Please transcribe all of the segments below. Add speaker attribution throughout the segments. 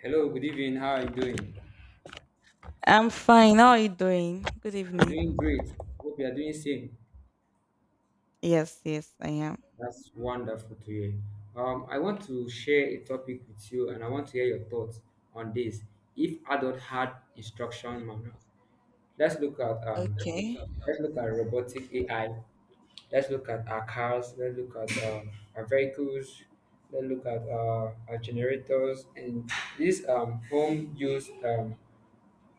Speaker 1: Hello, good evening. How are you doing?
Speaker 2: I'm fine. How are you doing? Good
Speaker 1: I'm doing
Speaker 2: evening.
Speaker 1: great. Hope you are doing same.
Speaker 2: Yes, yes, I am.
Speaker 1: That's wonderful to hear. I want to share a topic with you, and I want to hear your thoughts on this. If adult had instruction manual, let's look at um,
Speaker 2: Okay.
Speaker 1: let's look at robotic AI. Let's look at our cars. Let's look at our vehicles. Let's look at our generators and these home use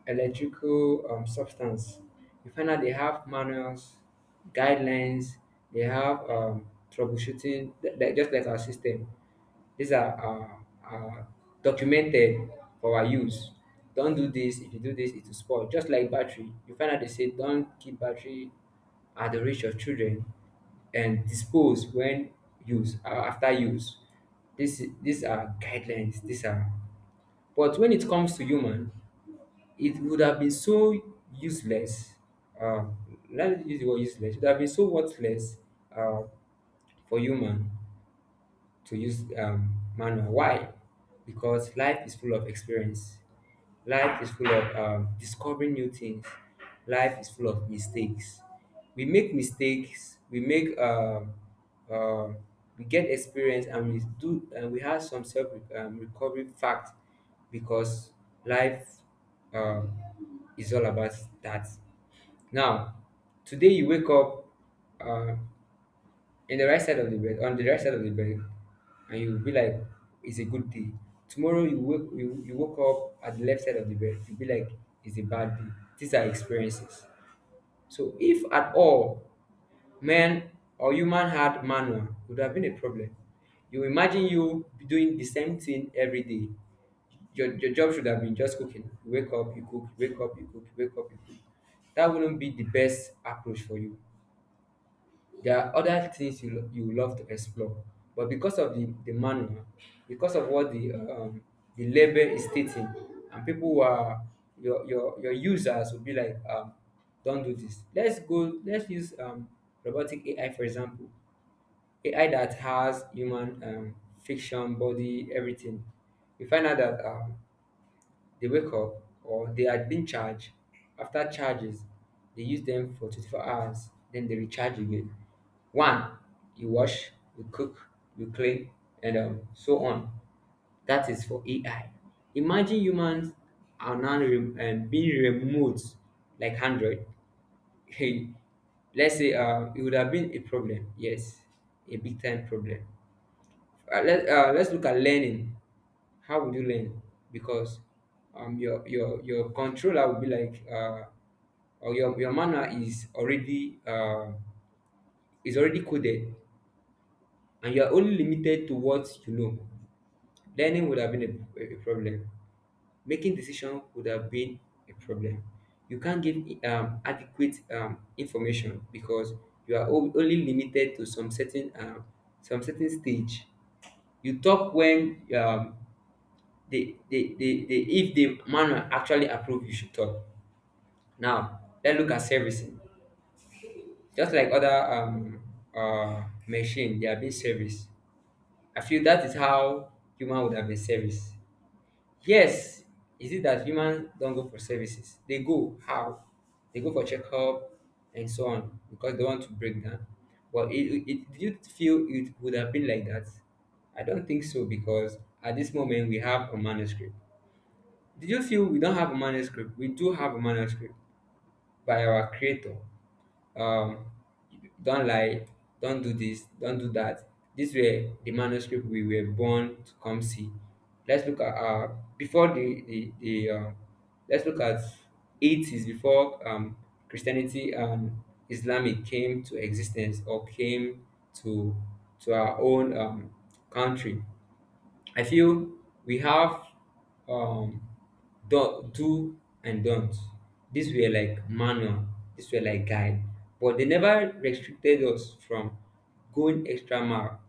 Speaker 1: electrical substance. You find out they have manuals, guidelines, they have troubleshooting, just like our system. These are uh, uh, documented for our use. Don't do this. If you do this, it will spoil. Just like battery, you find out they say don't keep battery at the reach of children and dispose when use after use. This These are guidelines. These are but when it comes to human, it would have been so useless. Uh, Let us use the word useless. It would have been so worthless uh, for human to use manual. Why? Because life is full of experience. Life is full of discovering new things. Life is full of mistakes. We make mistakes. We make um, we get experience, and we do, and we have some self recovery fact because life um, is all about that. Now, today you wake up. Uh, in the right side of the bed, on the right side of the bed, and you'll be like, it's a good day. Tomorrow you woke up at the left side of the bed, you'll be like, it's a bad day. These are experiences. So if at all man or human had manual, it would have been a problem. You imagine you doing the same thing every day. Your job should have been just cooking. You wake up, you cook, you wake up, you cook, you wake up, you cook. That wouldn't be the best approach for you. There are other things you love to explore, but because of the manual, because of what the the label is stating, and people who are your users will be like, don't do this. Let's go. Let's use robotic AI for example, AI that has human fiction, body, everything. You find out that they wake up or they had been charged. After charges, they use them for 24 hours, then they recharge again. One, you wash, you cook, you clean, and so on. That is for AI. Imagine humans are now being removed like Android. Hey, let's say it would have been a problem. Yes, a big time problem. Let's look at learning. How would you learn? Because your your controller will be like or your manual is already coded, and you are only limited to what you know. Learning would have been a problem making decision would have been a problem. You can't give adequate information because you are only limited to some certain stage. You talk when the if the manual actually approve you should talk. Now let's look at servicing. Just like other machine, they are being serviced. I feel that is how human would have been serviced. Yes, is it that humans don't go for services? They go how? They go for checkup and so on because they want to break down. Well, do you feel it would have been like that? I don't think so because at this moment we have a manuscript. Did you feel we don't have a manuscript? We do have a manuscript by our creator. um don't lie, don't do this, don't do that. These were the manuscript we were born to come see. Let's look at before the let's look at 80s before christianity and islamic came to existence or came to to our own country. I feel we have um, do and don't. These were like manual, these were like guide, but they never restricted us from going extra mile.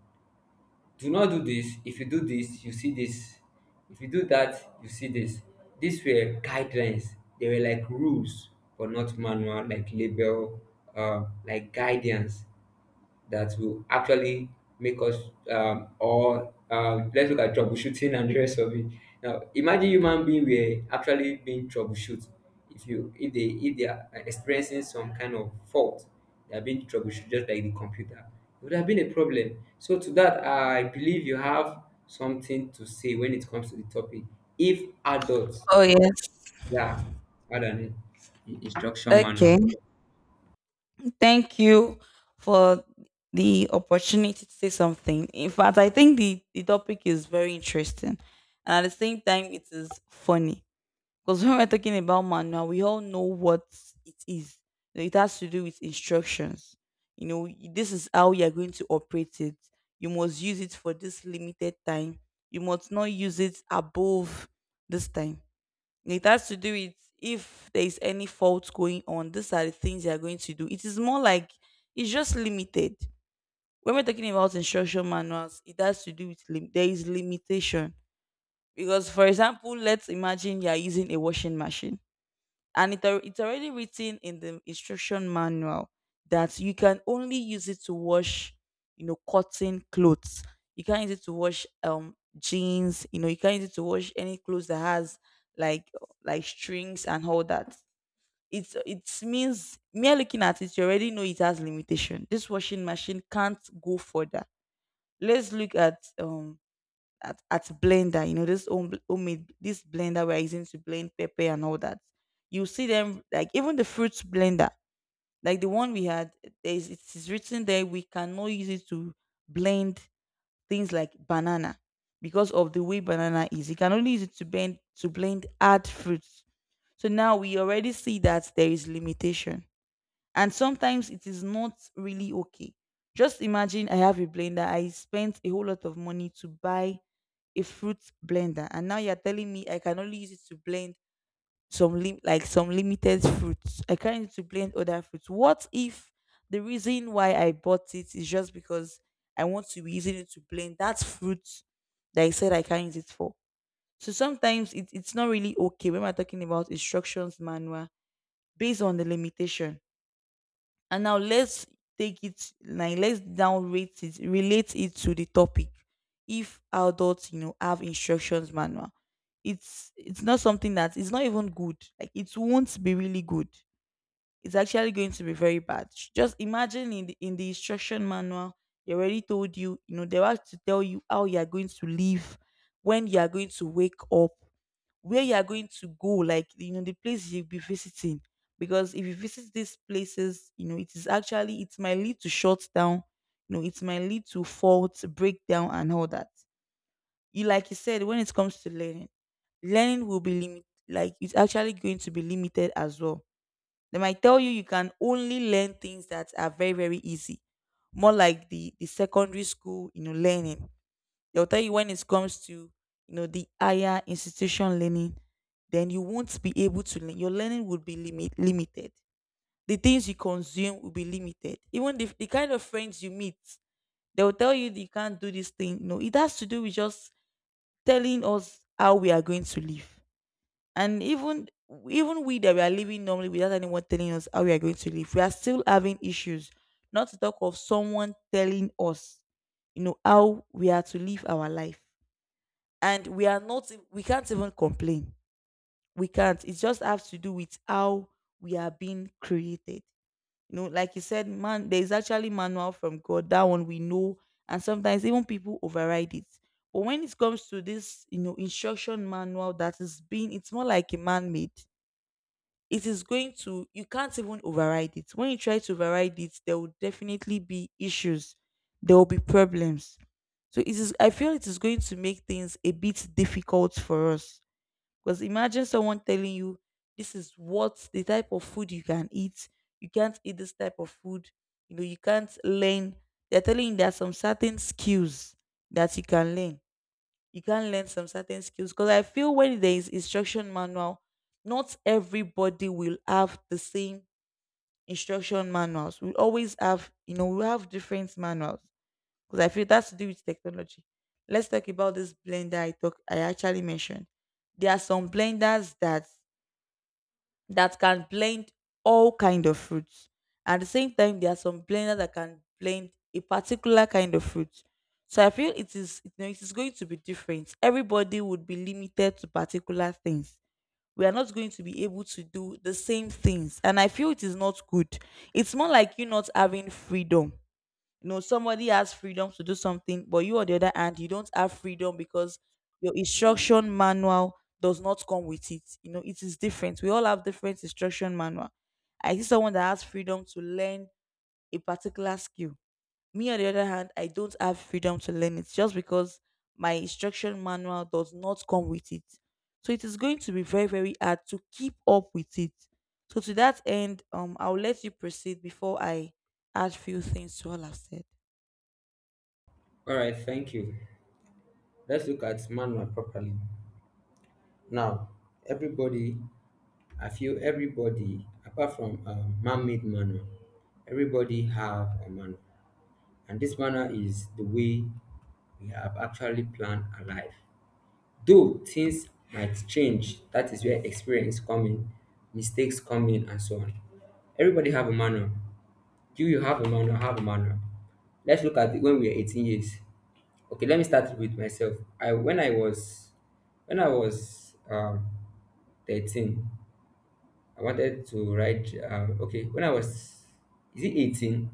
Speaker 1: Do not do this. If you do this, you see this. If you do that, you see this. These were guidelines. They were like rules, but not manual, like label, like guidance that will actually make us or let's look at troubleshooting and the rest of it. Now, imagine human being were actually being troubleshoot. If they are experiencing some kind of fault, they are being troubleshoot just like the computer. It would have been a problem. So to that, I believe you have something to say when it comes to the topic. If adults,
Speaker 2: Oh, yes.
Speaker 1: yeah, rather than instruction manual.
Speaker 2: Okay. Thank you for the opportunity to say something. In fact, I think the topic is very interesting. And at the same time, it is funny. Because when we're talking about manual, we all know what it is. You know, it has to do with instructions. This is how you are going to operate it. You must use it for this limited time. You must not use it above this time. And it has to do with if there is any fault going on. These are the things you are going to do. It is more like it's just limited. When we're talking about instruction manuals, it has to do with there is limitation. Because, for example, let's imagine you are using a washing machine and it's already written in the instruction manual that you can only use it to wash, you know, cotton clothes. You can't use it to wash jeans. You know, you can't use it to wash any clothes that has like like strings and all that. It's it means mere looking at it, you already know it has limitation. This washing machine can't go further. Let's look at blender. You know, this homemade, this blender we're using to blend pepper and all that. You see them like even the fruits blender, like the one we had. There's it's written there we cannot use it to blend things like banana, because of the way banana is. You can only use it to blend hard fruits. So now we already see that there is limitation, and sometimes it is not really okay. Just imagine I have a blender. I spent a whole lot of money to buy a fruit blender, and now you're telling me I can only use it to blend some like some limited fruits. I can't use it to blend other fruits. What if the reason why I bought it is just because I want to be using it to blend that fruit that I said I can't use it for? So sometimes it's not really okay when we're talking about instructions manual, based on the limitation. And now let's take it like let's now relate it to the topic. If adults, you know, have instructions manual, it's not something that it's not even good. Like it won't be really good. It's actually going to be very bad. Just imagine in the instruction manual, they already told you, you know, they have to tell you how you are going to live, when you are going to wake up, where you are going to go, like, you know, the place you'll be visiting. Because if you visit these places, you know, it is actually it might lead to shutdown. You know, it might lead to faults, breakdown, and all that. You like you said, when it comes to learning, learning will be limited. Like it's actually going to be limited as well. They might tell you you can only learn things that are very, very easy, more like the secondary school, you know, learning. They'll tell you when it comes to, you know, the higher institution learning, then you won't be able to learn. Your learning would be limited. The things you consume will be limited. Even the kind of friends you meet, they'll tell you that you can't do this thing. No, it has to do with just telling us how we are going to live. And even we that we are living normally without anyone telling us how we are going to live, we are still having issues. Not to talk of someone telling us, you know, how we are to live our life, and we are not we can't even complain. We can't. It just has to do with how we are being created. You know, like you said, man, there is actually manual from God, that one we know. And sometimes even people override it. But when it comes to this, you know, instruction manual that is being it's more like a man-made, it is going to you can't even override it. When you try to override it, there will definitely be issues. There will be problems. So it is I feel it is going to make things a bit difficult for us. Because imagine someone telling you this is what the type of food you can eat, you can't eat this type of food. You know, you can't learn. They're telling you there are some certain skills that you can learn. You can learn some certain skills. Because I feel when there is instruction manual, not everybody will have the same instruction manuals. We always have, you know, we have different manuals. Because I feel that's to do with technology. Let's talk about this blender. I actually mentioned there are some blenders that that can blend all kind of fruits. At the same time, there are some blenders that can blend a particular kind of fruit. So I feel it is, you know, it is going to be different. Everybody would be limited to particular things. We are not going to be able to do the same things. And I feel it is not good. It's more like you not having freedom. You know, somebody has freedom to do something, but you on the other hand, you don't have freedom because your instruction manual does not come with it. You know, it is different. We all have different instruction manual. I see someone that has freedom to learn a particular skill. Me, on the other hand, I don't have freedom to learn it just because my instruction manual does not come with it. So it is going to be very, very hard to keep up with it. So to that end, I'll let you proceed before I add few things to all I've said.
Speaker 1: All right, thank you. Let's look at manual properly. Now, everybody, I feel everybody, apart from man-made manner, everybody have a manner, and this manner is the way we have actually planned our life. Though things might change, that is where experience come in, mistakes come in, and so on. Everybody have a manner. Do you have a manner, I have a manner. Let's look at it when we are 18 years. Okay, let me start with myself. I when I was 13. I wanted to write okay when I was is it 18,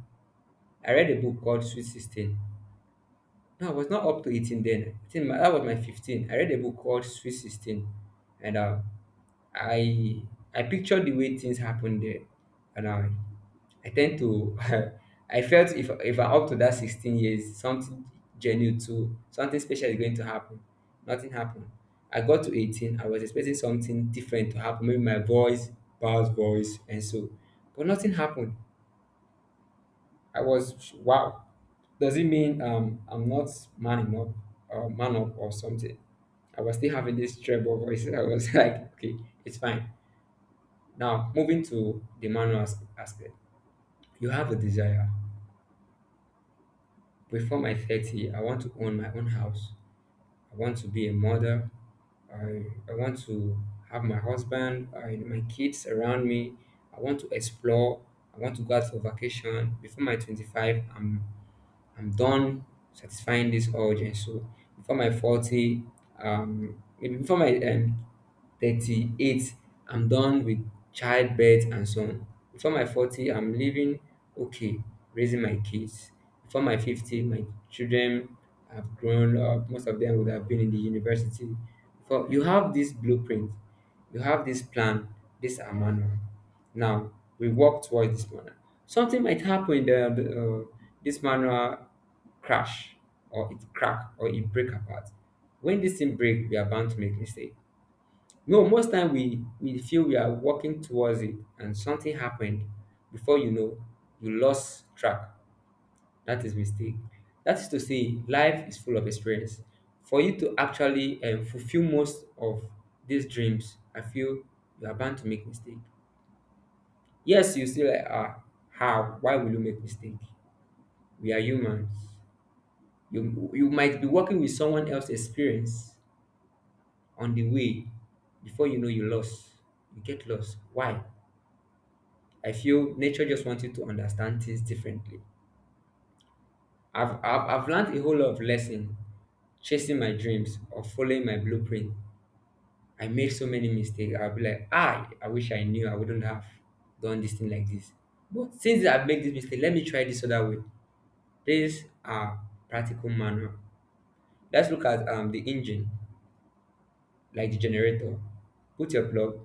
Speaker 1: I read a book called sweet 16. No, I was not up to 18 then, I think that was my 15. I read a book called sweet 16, and I I picture the way things happened there, and I tend to I felt if I'm up to that 16 years, something genuine to something special is going to happen. Nothing happened. I got to 18, I was expecting something different to happen, maybe my voice, Paul's voice, and so, but nothing happened. I was wow. Does it mean I'm not man enough or man up or something? I was still having this treble voice. I was like, okay, it's fine. Now, moving to the aspect, you have a desire. Before my 30, I want to own my own house. I want to be a mother. I, I want to have my husband and my kids around me. I want to explore. I want to go out for vacation. Before my 25, I'm done satisfying this urge. And so before my 40, maybe before my 38, I'm done with childbirth and so on. Before my 40, I'm living okay, raising my kids. Before my 50, my children have grown up, most of them would have been in the university. For you have this blueprint, you have this plan, this are manual. Now we work towards this manual. Something might happen in the this manual crash, or it crack, or it break apart. When this thing break, we are bound to make mistake. No, most time we feel we are working towards it and something happened, before you know you lost track. That is mistake. That is to say life is full of experience. For you to actually fulfill most of these dreams, I feel you are bound to make mistake. Yes, you still like ah, how why will you make mistake? We are humans. You you might be working with someone else's experience on the way before you know you lost. You get lost. Why? I feel nature just wants you to understand things differently. I've learned a whole lot of lesson chasing my dreams or following my blueprint. I made so many mistakes. I'll be like, ah, I wish I knew I wouldn't have done this thing like this. But since I've made this mistake, let me try this other way. This practical manual. Let's look at the engine, like the generator. Put your plug,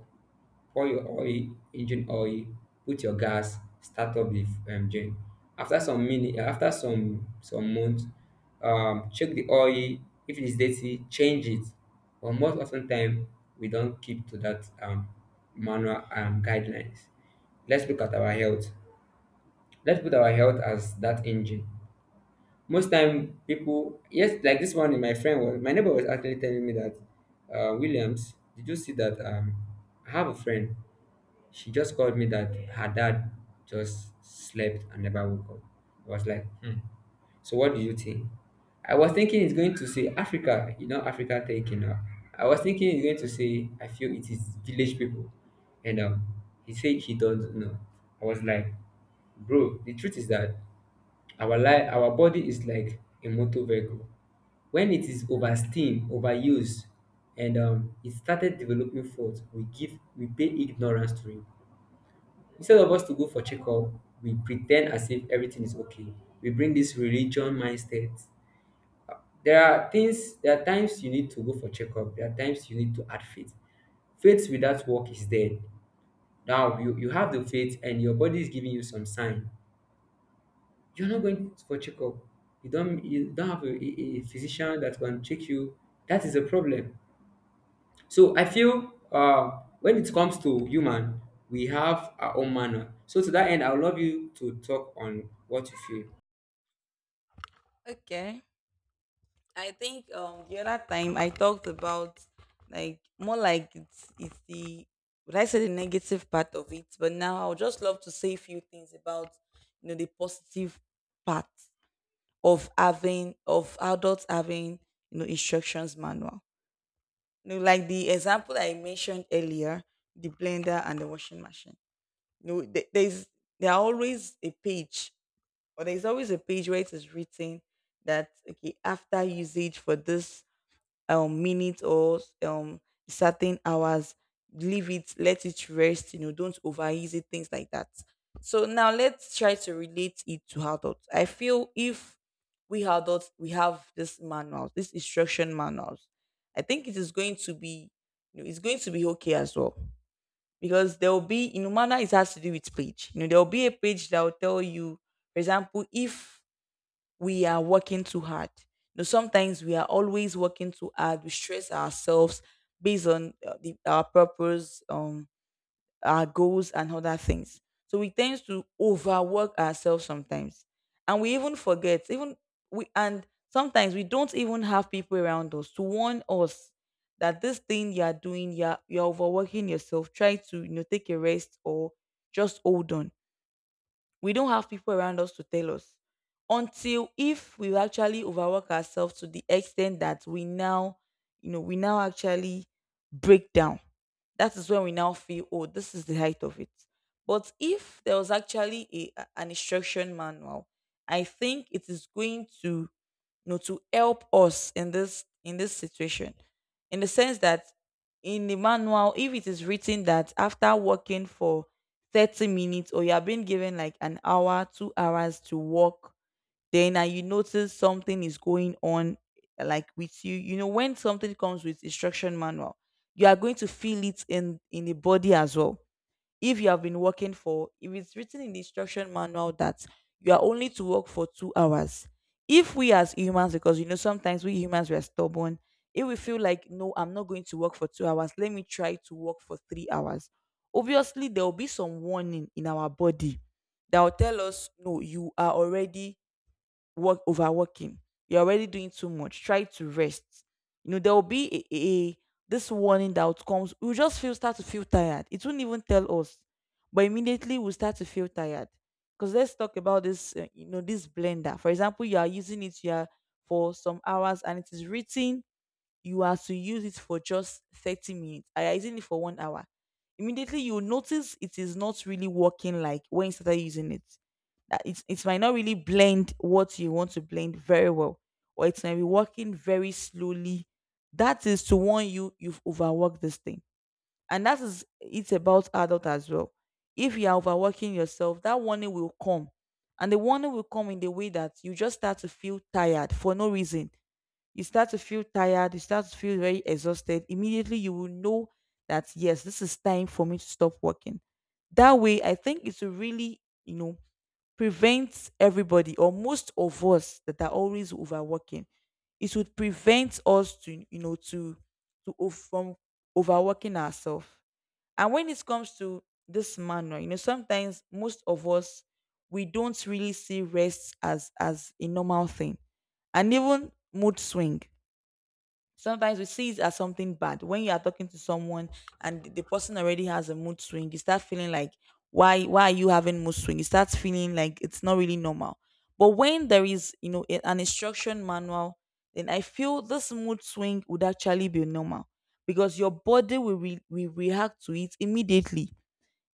Speaker 1: pour your oil, engine oil, put your gas, start up the gen. After some minute, after some months, check the oil. If it is dirty, change it. But most often time, we don't keep to that manual guidelines. Let's look at our health. Let's put our health as that engine. Most time, people yes, like this one. My neighbor was actually telling me that Williams. Did you see that? I have a friend. She just called me that her dad just slept and never woke up. I was like, hmm. So what do you think? I was thinking it's going to say Africa, you know, Africa taking up. I was thinking it's going to say I feel it is village people, and he said he don't know. I was like, bro, the truth is that our life, our body is like a motor vehicle. When it is oversteam, overused, and it started developing faults, we pay ignorance to it. Instead of us to go for checkup, we pretend as if everything is okay. We bring this religion mindset. There are things, there are times you need to go for checkup. There are times you need to add faith. Faith without work is dead. Now you have the faith and your body is giving you some sign. You're not going for checkup. You don't have a physician that can check you. That is a problem. So I feel when it comes to human, we have our own manner. So to that end, I would love you to talk on what you feel.
Speaker 2: Okay. I think the other time I talked about like more like it's the would I say the negative part of it, but now I would just love to say a few things about, you know, the positive part of having of adults having, you know, instructions manual. You know, like the example I mentioned earlier, the blender and the washing machine. You know, there are always a page, or there's always a page where it is written that okay after usage for this minutes or certain hours, leave it, let it rest, you know, don't overuse it, things like that. So now let's try to relate it to adults. I feel if we adults we have this manuals this instruction manuals, I think it is going to be, you know, it's going to be okay as well. Because there will be in know, manner it has to do with page. You know, there will be a page that will tell you, for example, if we are working too hard. You know, sometimes we are always working too hard. We stress ourselves based on our purpose, our goals, and other things. So we tend to overwork ourselves sometimes, and we even forget. Even we and sometimes we don't even have people around us to warn us that this thing you are doing, you are overworking yourself. Try to, you know, take a rest or just hold on. We don't have people around us to tell us until if we actually overwork ourselves to the extent that we now, you know, we now actually break down. That is when we now feel, oh, this is the height of it. But if there was actually an instruction manual, I think it is going to, you know, to help us in this situation, in the sense that in the manual, if it is written that after working for 30 minutes or you are being given like an hour, 2 hours to work, then and you notice something is going on like with you. You know, when something comes with instruction manual, you are going to feel it in the body as well. If you have been working for if it's written in the instruction manual that you are only to work for 2 hours, if we as humans, because you know, sometimes we humans we are stubborn, it will feel like no, I'm not going to work for 2 hours, let me try to work for 3 hours. Obviously there will be some warning in our body that will tell us no, you are already work overworking. You're already doing too much. Try to rest. You know, there will be a this warning that comes. We'll just feel start to feel tired. It won't even tell us, but immediately we'll start to feel tired. Because let's talk about this blender. For example, you are using it here for some hours, and it is written you are to use it for just 30 minutes. I am using it for 1 hour. Immediately you will notice it is not really working like when you started using it, that it might not really blend what you want to blend very well, or it might be working very slowly. That is to warn you you've overworked this thing, and that is it's about adult as well. If you are overworking yourself, that warning will come, and the warning will come in the way that you just start to feel tired for no reason. You start to feel tired, you start to feel very exhausted. Immediately, you will know that yes, this is time for me to stop working. That way, I think it's really, you know prevent everybody or most of us that are always overworking. It would prevent us to you know to o- from overworking ourselves. And when it comes to this manner, sometimes most of us, we don't really see rest as a normal thing. And even mood swing, sometimes we see it as something bad. When you are talking to someone and the person already has a mood swing, you start feeling like, why are you having mood swing? You start feeling like it's not really normal. But when there is, an instruction manual, then I feel this mood swing would actually be normal, because your body will, will react to it immediately.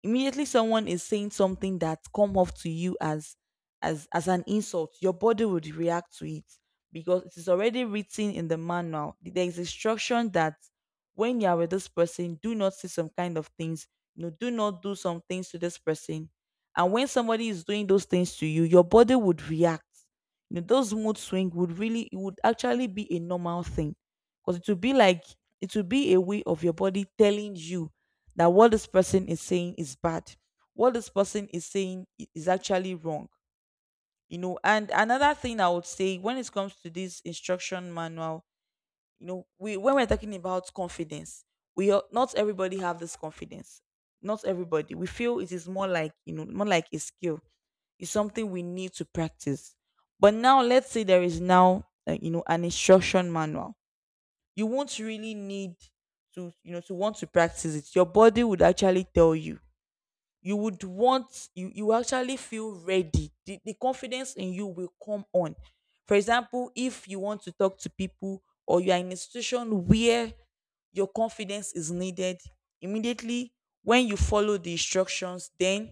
Speaker 2: Immediately someone is saying something that come off to you as as an insult, your body would react to it, because it is already written in the manual. There is instruction that when you are with this person, do not say some kind of things. Do not do some things to this person. And when somebody is doing those things to you, your body would react. Those mood swing would really, it would actually be a normal thing, because it would be a way of your body telling you that what this person is saying is bad, what this person is saying is actually wrong. And another thing I would say, when it comes to this instruction manual, you know we when we're talking about confidence, not everybody have this confidence. Not everybody, we feel it is more like a skill. It's something we need to practice. But now, let's say there is now, an instruction manual. You won't really need to want to practice it. Your body would actually tell you, you would want you actually feel ready, the confidence in you will come on. For example, if you want to talk to people, or you are in a situation where your confidence is needed, immediately when you follow the instructions, then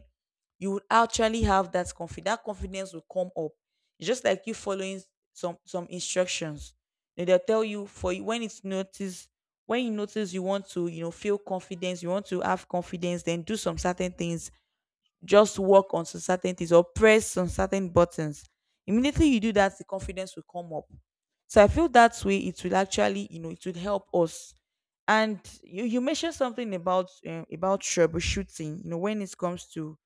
Speaker 2: you would actually have that confidence. That confidence will come up. It's just like you following some instructions. Then they'll tell you, for you when it's noticed, when you notice you want to, feel confidence, you want to have confidence, then do some certain things, just work on some certain things or press some certain buttons. Immediately you do that, the confidence will come up. So I feel that way, it will actually, it will help us. And you mentioned something about troubleshooting, when it comes to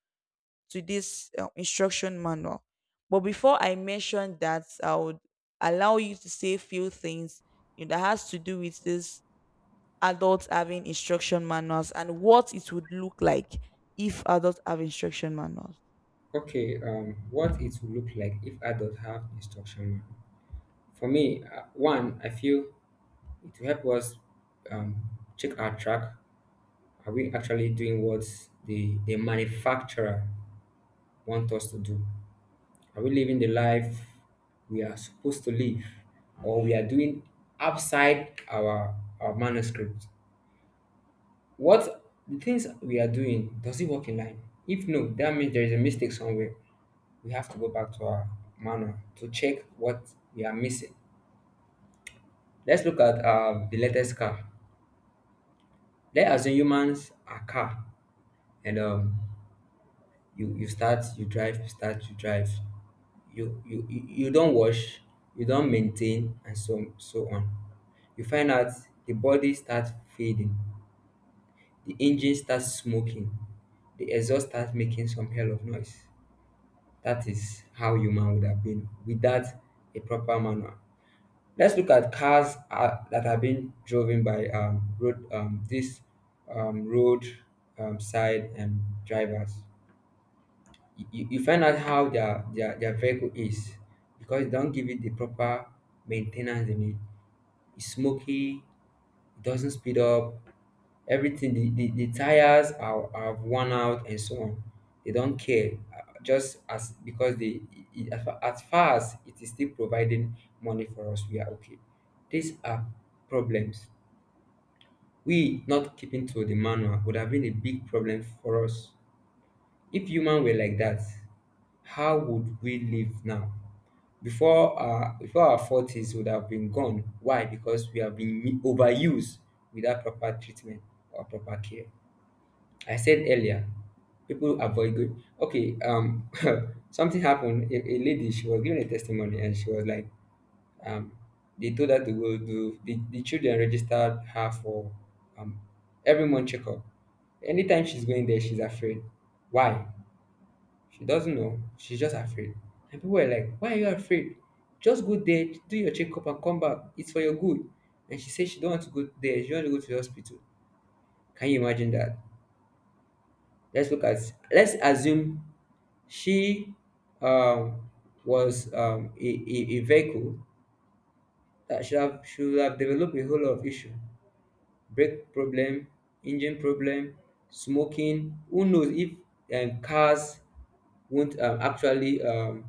Speaker 2: to this instruction manual. But before I mention that, I would allow you to say a few things, that has to do with this, adults having instruction manuals and what it would look like if adults have instruction manuals.
Speaker 1: Okay, what it will look like if adults have instruction manual. For me, one, I feel it will help us um, check our track. Are we actually doing what the manufacturer want us to do? Are we living the life we are supposed to live, or we are doing outside our manuscript? What the things we are doing, does it work in line? If no, that means there is a mistake somewhere. We have to go back to our manual to check what we are missing. Let's look at the latest car. Let's assume humans are car, and you start, you drive, you start, you drive. You don't wash, you don't maintain, and so on. You find out the body starts fading, the engine starts smoking, the exhaust starts making some hell of noise. That is how human would have been without a proper manual. Let's look at cars that have been driven by road side drivers. You find out how their vehicle is because they don't give it the proper maintenance they need. It's smoky, it doesn't speed up, everything the tires are worn out and so on. They don't care, just as because they as far as it is still providing money for us, we are okay. These are problems. We not keeping to the manual would have been a big problem for us. If human were like that, how would we live now? Before our forties would have been gone. Why? Because we have been overused without proper treatment or proper care. I said earlier, people avoid good. Okay, something happened. A lady, she was giving a testimony, and she was like, um, they told her to go do. The children registered her for um every month checkup. Anytime she's going there, she's afraid. Why? She doesn't know. She's just afraid. And people were like, "Why are you afraid? Just go there, do your checkup, and come back. It's for your good." And she said she don't want to go there. She want to go to the hospital. Can you imagine that? Let's look at, let's assume she um, was a vehicle that should have developed a whole lot of issue, brake problem, engine problem, smoking. Who knows if cars won't actually